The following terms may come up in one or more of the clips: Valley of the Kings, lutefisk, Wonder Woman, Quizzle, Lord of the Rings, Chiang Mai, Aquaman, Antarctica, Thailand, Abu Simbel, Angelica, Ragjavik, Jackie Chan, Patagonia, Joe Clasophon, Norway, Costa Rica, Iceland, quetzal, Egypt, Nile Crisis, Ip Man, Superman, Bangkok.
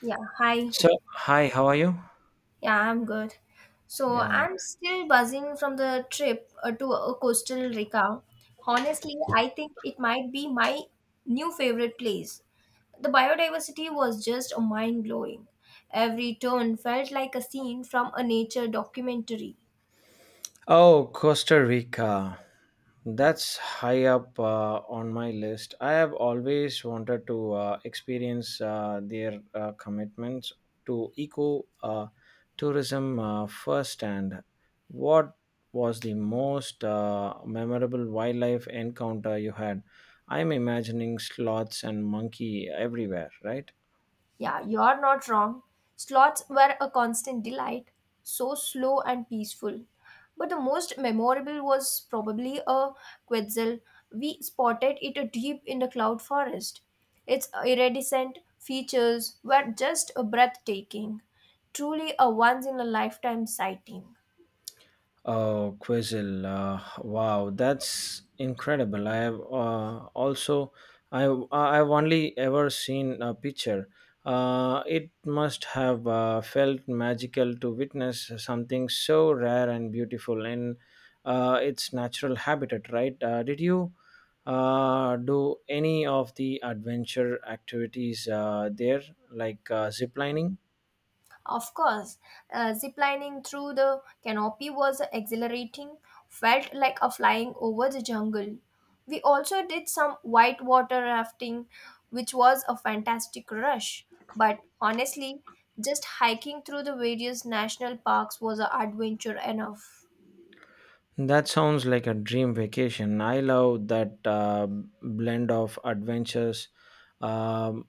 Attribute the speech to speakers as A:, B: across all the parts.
A: Yeah, hi.
B: So, hi, how are you?
A: Yeah, I'm good. So
B: Yeah.
A: I'm still buzzing from the trip to Coastal Rica. Honestly, I think it might be my new favorite place. The biodiversity was just mind blowing. Every turn felt like a scene from a nature documentary.
B: Oh, Costa Rica. That's high up on my list. I have always wanted to experience their commitments to eco tourism firsthand. What was the most memorable wildlife encounter you had? I'm imagining sloths and monkey everywhere, right?
A: Yeah, you're not wrong. Slots were a constant delight, so slow and peaceful. But the most memorable was probably a quetzal. We spotted it deep in the cloud forest. Its iridescent features were just breathtaking, truly a once in a lifetime sighting.
B: Oh, Quizzle! Wow, that's incredible. I have also, I I've only ever seen a picture. It must have felt magical to witness something so rare and beautiful in its natural habitat, right? Did you do any of the adventure activities there, like ziplining?
A: Of course, ziplining through the canopy was exhilarating, felt like a flying over the jungle. We also did some whitewater rafting, which was a fantastic rush. But honestly, just hiking through the various national parks was an adventure enough.
B: That sounds like a dream vacation. I love that blend of adventures um,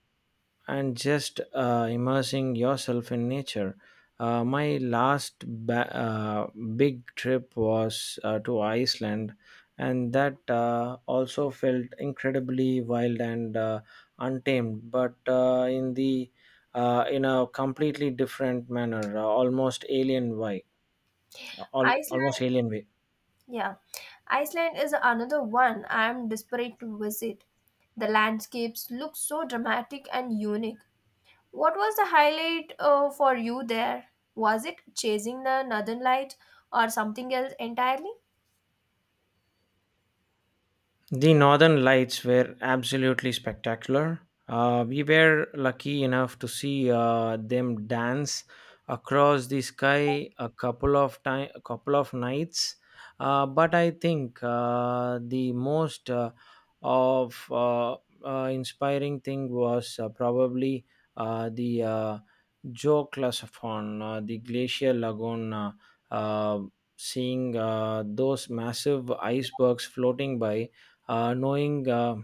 B: and just immersing yourself in nature. My last big trip was to Iceland, and that also felt incredibly wild and untamed, but in a completely different manner,
A: Iceland,
B: almost alien way.
A: yeah, Iceland is another one I am desperate to visit. The landscapes look so dramatic and unique. What was the highlight for you there? Was it chasing the northern light or something else entirely?
B: The northern lights were absolutely spectacular. We were lucky enough to see them dance across the sky a couple of nights. But I think the most of inspiring thing was probably the Joe Clasophon, the glacier lagoon. Uh, Seeing those massive icebergs floating by knowing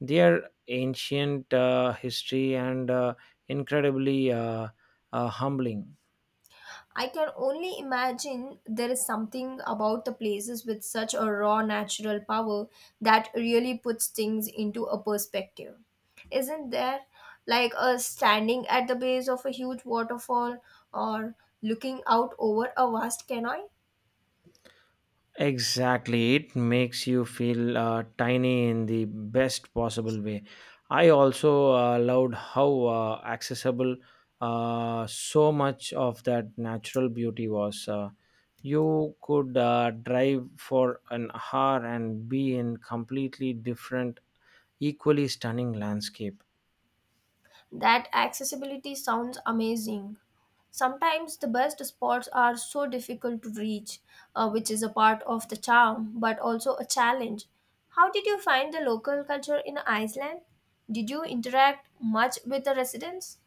B: their ancient history and incredibly humbling.
A: I can only imagine there is something about the places with such a raw natural power that really puts things into a perspective. Isn't there like a standing at the base of a huge waterfall or looking out over a vast canyon?
B: Exactly, it makes you feel tiny in the best possible way. I also loved how accessible so much of that natural beauty was. You could drive for an hour and be in completely different, equally stunning landscape.
A: That accessibility sounds amazing. Sometimes the best spots are so difficult to reach, which is a part of the charm but also a challenge. How did you find the local culture in Iceland? Did you interact much with the residents?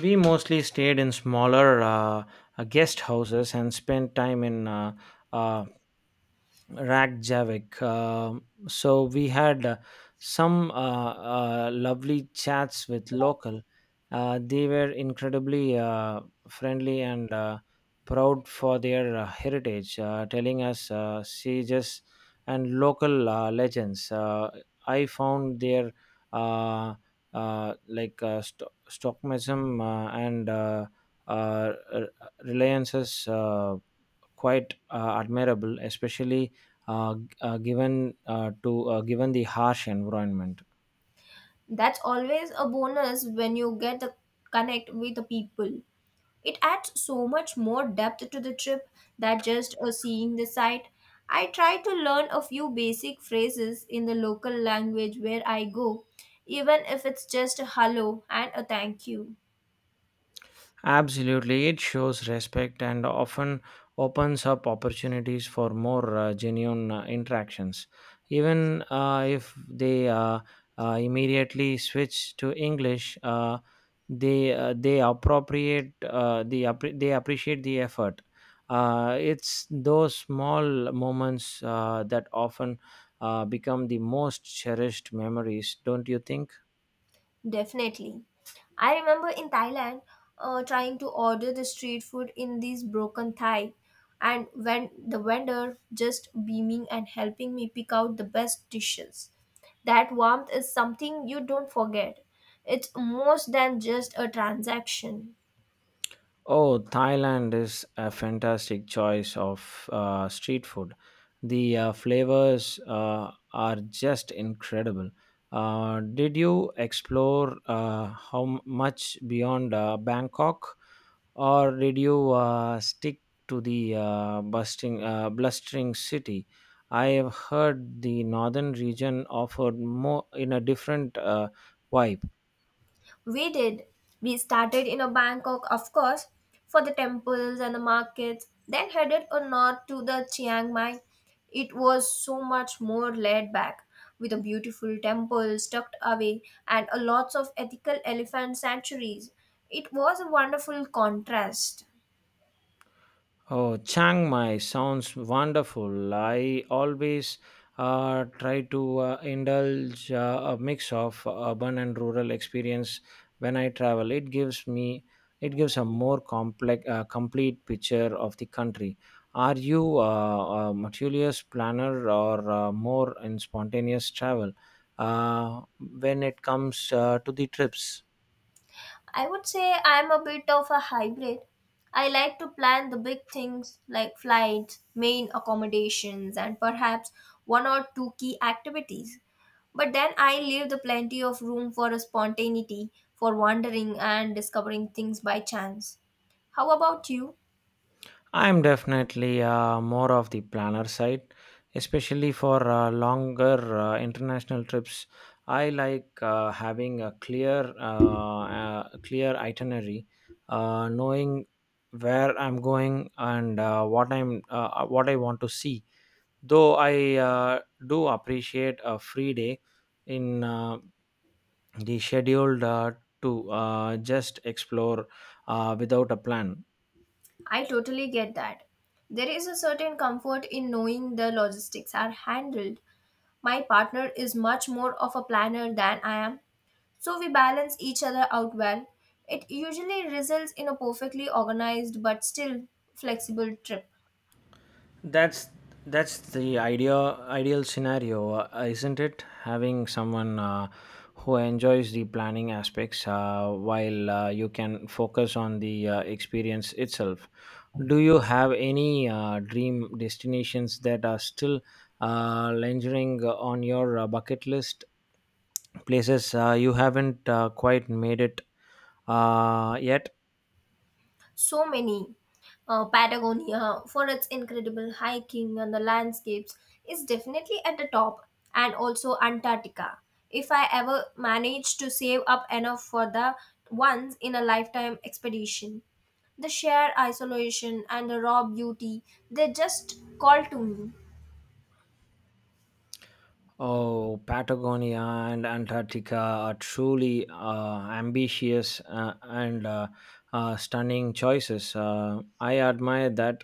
B: We mostly stayed in smaller guest houses and spent time in uh, Ragjavik. So we had some lovely chats with local. They were incredibly friendly and proud for their heritage, telling us sages and local legends. I found their uh, stockmism and uh, r- reliances quite admirable, especially given the harsh environment.
A: That's always a bonus when you get to connect with the people. It adds so much more depth to the trip than just seeing the site. I try to learn a few basic phrases in the local language where I go, even if it's just a hello and a thank you.
B: Absolutely, it shows respect and often opens up opportunities for more genuine interactions. Even if they immediately switch to English, they appropriate they appreciate the effort. It's those small moments that often become the most cherished memories, don't you think?
A: Definitely. I remember in Thailand trying to order the street food in this broken Thai, and when the vendor just beaming and helping me pick out the best dishes. That warmth is something you don't forget. It's more than just a transaction.
B: Oh, Thailand is a fantastic choice of street food. The flavors are just incredible. Did you explore how much beyond Bangkok, or did you stick to the busting, blustering city? I have heard the northern region offered more in a different vibe.
A: We did. We started in a Bangkok, of course, for the temples and the markets, then headed a north to the Chiang Mai. It was so much more laid back, with a beautiful temples tucked away and a lots of ethical elephant sanctuaries. It was a wonderful contrast.
B: Oh, Chiang Mai sounds wonderful. I always try to indulge a mix of urban and rural experience when I travel. It gives a more complex, complete picture of the country. Are you a meticulous planner or more in spontaneous travel when it comes to the trips?
A: I would say I'm a bit of a hybrid. I like to plan the big things like flights, main accommodations, and perhaps one or two key activities. But then I leave the plenty of room for a spontaneity, for wandering and discovering things by chance. How about you?
B: I'm definitely more of the planner side, especially for longer international trips. I like having a clear itinerary, knowing where I'm going and what I want to see. Though I do appreciate a free day in the scheduled to just explore without a plan.
A: I totally get that. There is a certain comfort in knowing the logistics are handled. My partner is much more of a planner than I am, so we balance each other out well. It usually results in a perfectly organized but still flexible trip.
B: That's that's the ideal scenario, isn't it? Having someone who enjoys the planning aspects while you can focus on the experience itself. Do you have any dream destinations that are still lingering on your bucket list? Places you haven't quite made it yet?
A: So many. Patagonia, for its incredible hiking and the landscapes, is definitely at the top, and also Antarctica. If I ever manage to save up enough for the once in a lifetime expedition, the sheer isolation and the raw beauty, they just call to me.
B: Oh, Patagonia and Antarctica are truly ambitious and stunning choices. I admire that.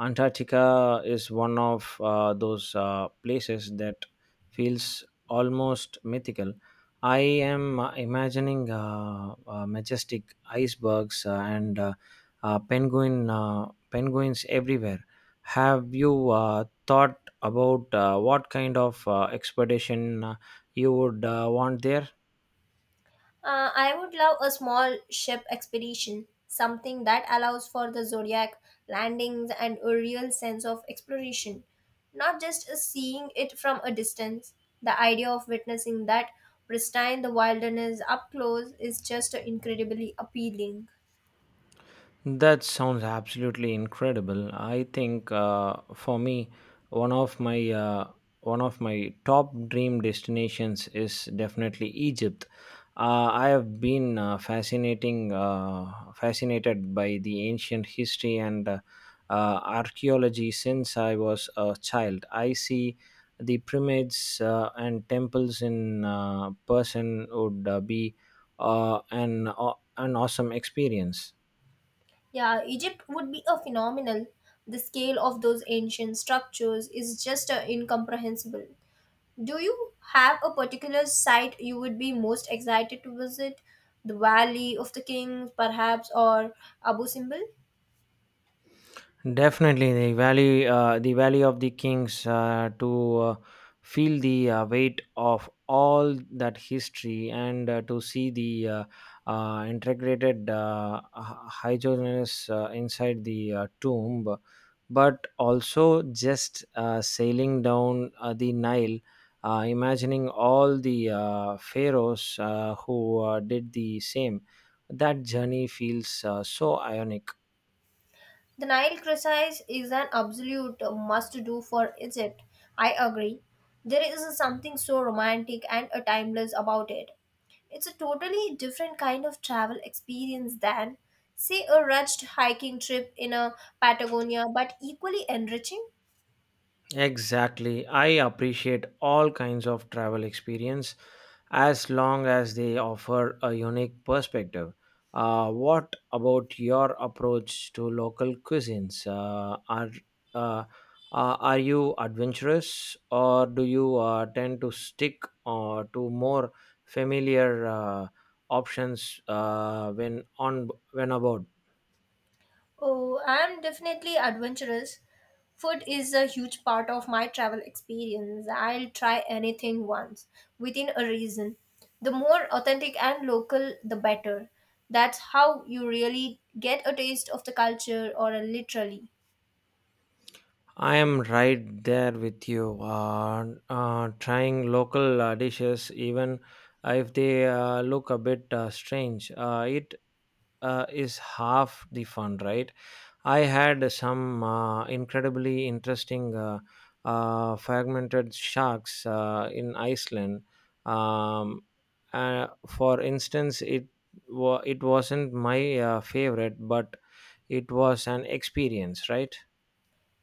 B: Antarctica is one of those places that feels almost mythical. I am imagining majestic icebergs and penguins everywhere. Have you thought about what kind of expedition you would want there?
A: I would love a small ship expedition, something that allows for the zodiac landings and a real sense of exploration, not just a seeing it from a distance. The idea of witnessing that pristine the wilderness up close is just incredibly appealing.
B: That sounds absolutely incredible. I think for me, one of my uh, one of my top dream destinations is definitely Egypt. I have been fascinating fascinated by the ancient history and archaeology since I was a child. I see the pyramids and temples in person would be an awesome experience.
A: Yeah, Egypt would be a phenomenal. The scale of those ancient structures is just incomprehensible. Do you have a particular site you would be most excited to visit? The Valley of the Kings, perhaps, or Abu Simbel?
B: Definitely, the valley of the kings, to feel the weight of all that history and to see the integrated hydrogenous inside the tomb, but also just sailing down the Nile, imagining all the pharaohs who did the same. That journey feels so ionic.
A: The Nile Crisis is an absolute must do for Egypt. I agree. There is something so romantic and timeless about it. It's a totally different kind of travel experience than, say, a rushed hiking trip in a Patagonia, but equally enriching.
B: Exactly. I appreciate all kinds of travel experience as long as they offer a unique perspective. What about your approach to local cuisines? Uh, are you adventurous, or do you tend to stick to more familiar options when aboard?
A: Oh, I'm definitely adventurous. Food is a huge part of my travel experience. I'll try anything once, within a reason. The more authentic and local, the better. That's how you really get a taste of the culture or a literally.
B: I am right there with you. Trying local dishes, even if they look a bit strange, it is half the fun, right? I had some incredibly interesting fragmented sharks in Iceland. Um, for instance, it wasn't my favorite, but it was an experience, right?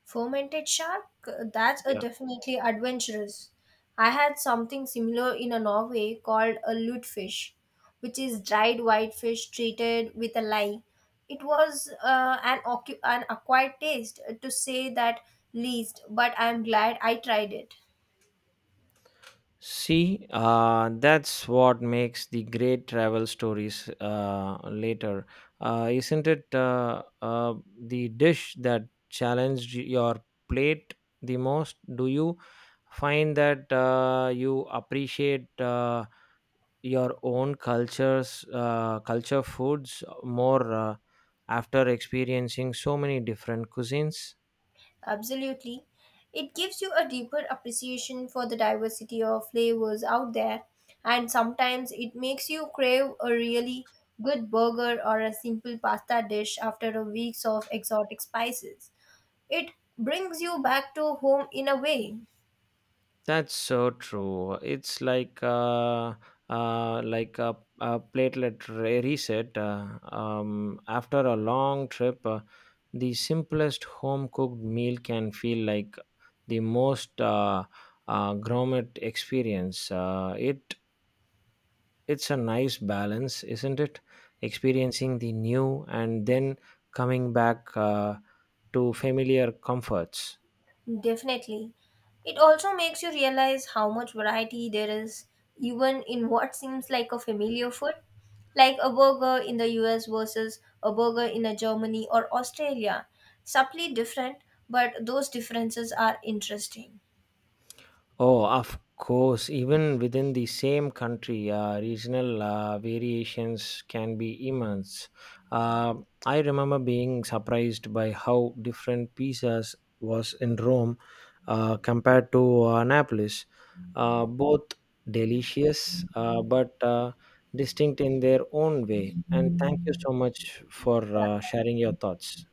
A: Fermented shark? That's a
B: Yeah.
A: definitely adventurous. I had something similar in a Norway called a lutefish, which is dried whitefish treated with a lye. It was an acquired taste, to say that least, but I'm glad I tried it.
B: See, that's what makes the great travel stories later. Isn't it the dish that challenged your plate the most? Do you find that you appreciate your own cultures, culture foods more after experiencing so many different cuisines?
A: Absolutely. It gives you a deeper appreciation for the diversity of flavors out there, and sometimes it makes you crave a really good burger or a simple pasta dish after a week of exotic spices. It brings you back to home in a way.
B: That's so true. It's like a reset after a long trip. The simplest home cooked meal can feel like the most gourmet experience. It it's a nice balance, isn't it? Experiencing the new and then coming back to familiar comforts.
A: Definitely. It also makes you realize how much variety there is, even in what seems like a familiar food, like a burger in the US versus a burger in a Germany or Australia. Subtly different, but those differences are interesting.
B: Oh, of course. Even within the same country, regional variations can be immense. Uh, I remember being surprised by how different pizzas was in Rome compared to Annapolis. Both delicious, but distinct in their own way. And thank you so much for
A: Yeah.
B: sharing your thoughts.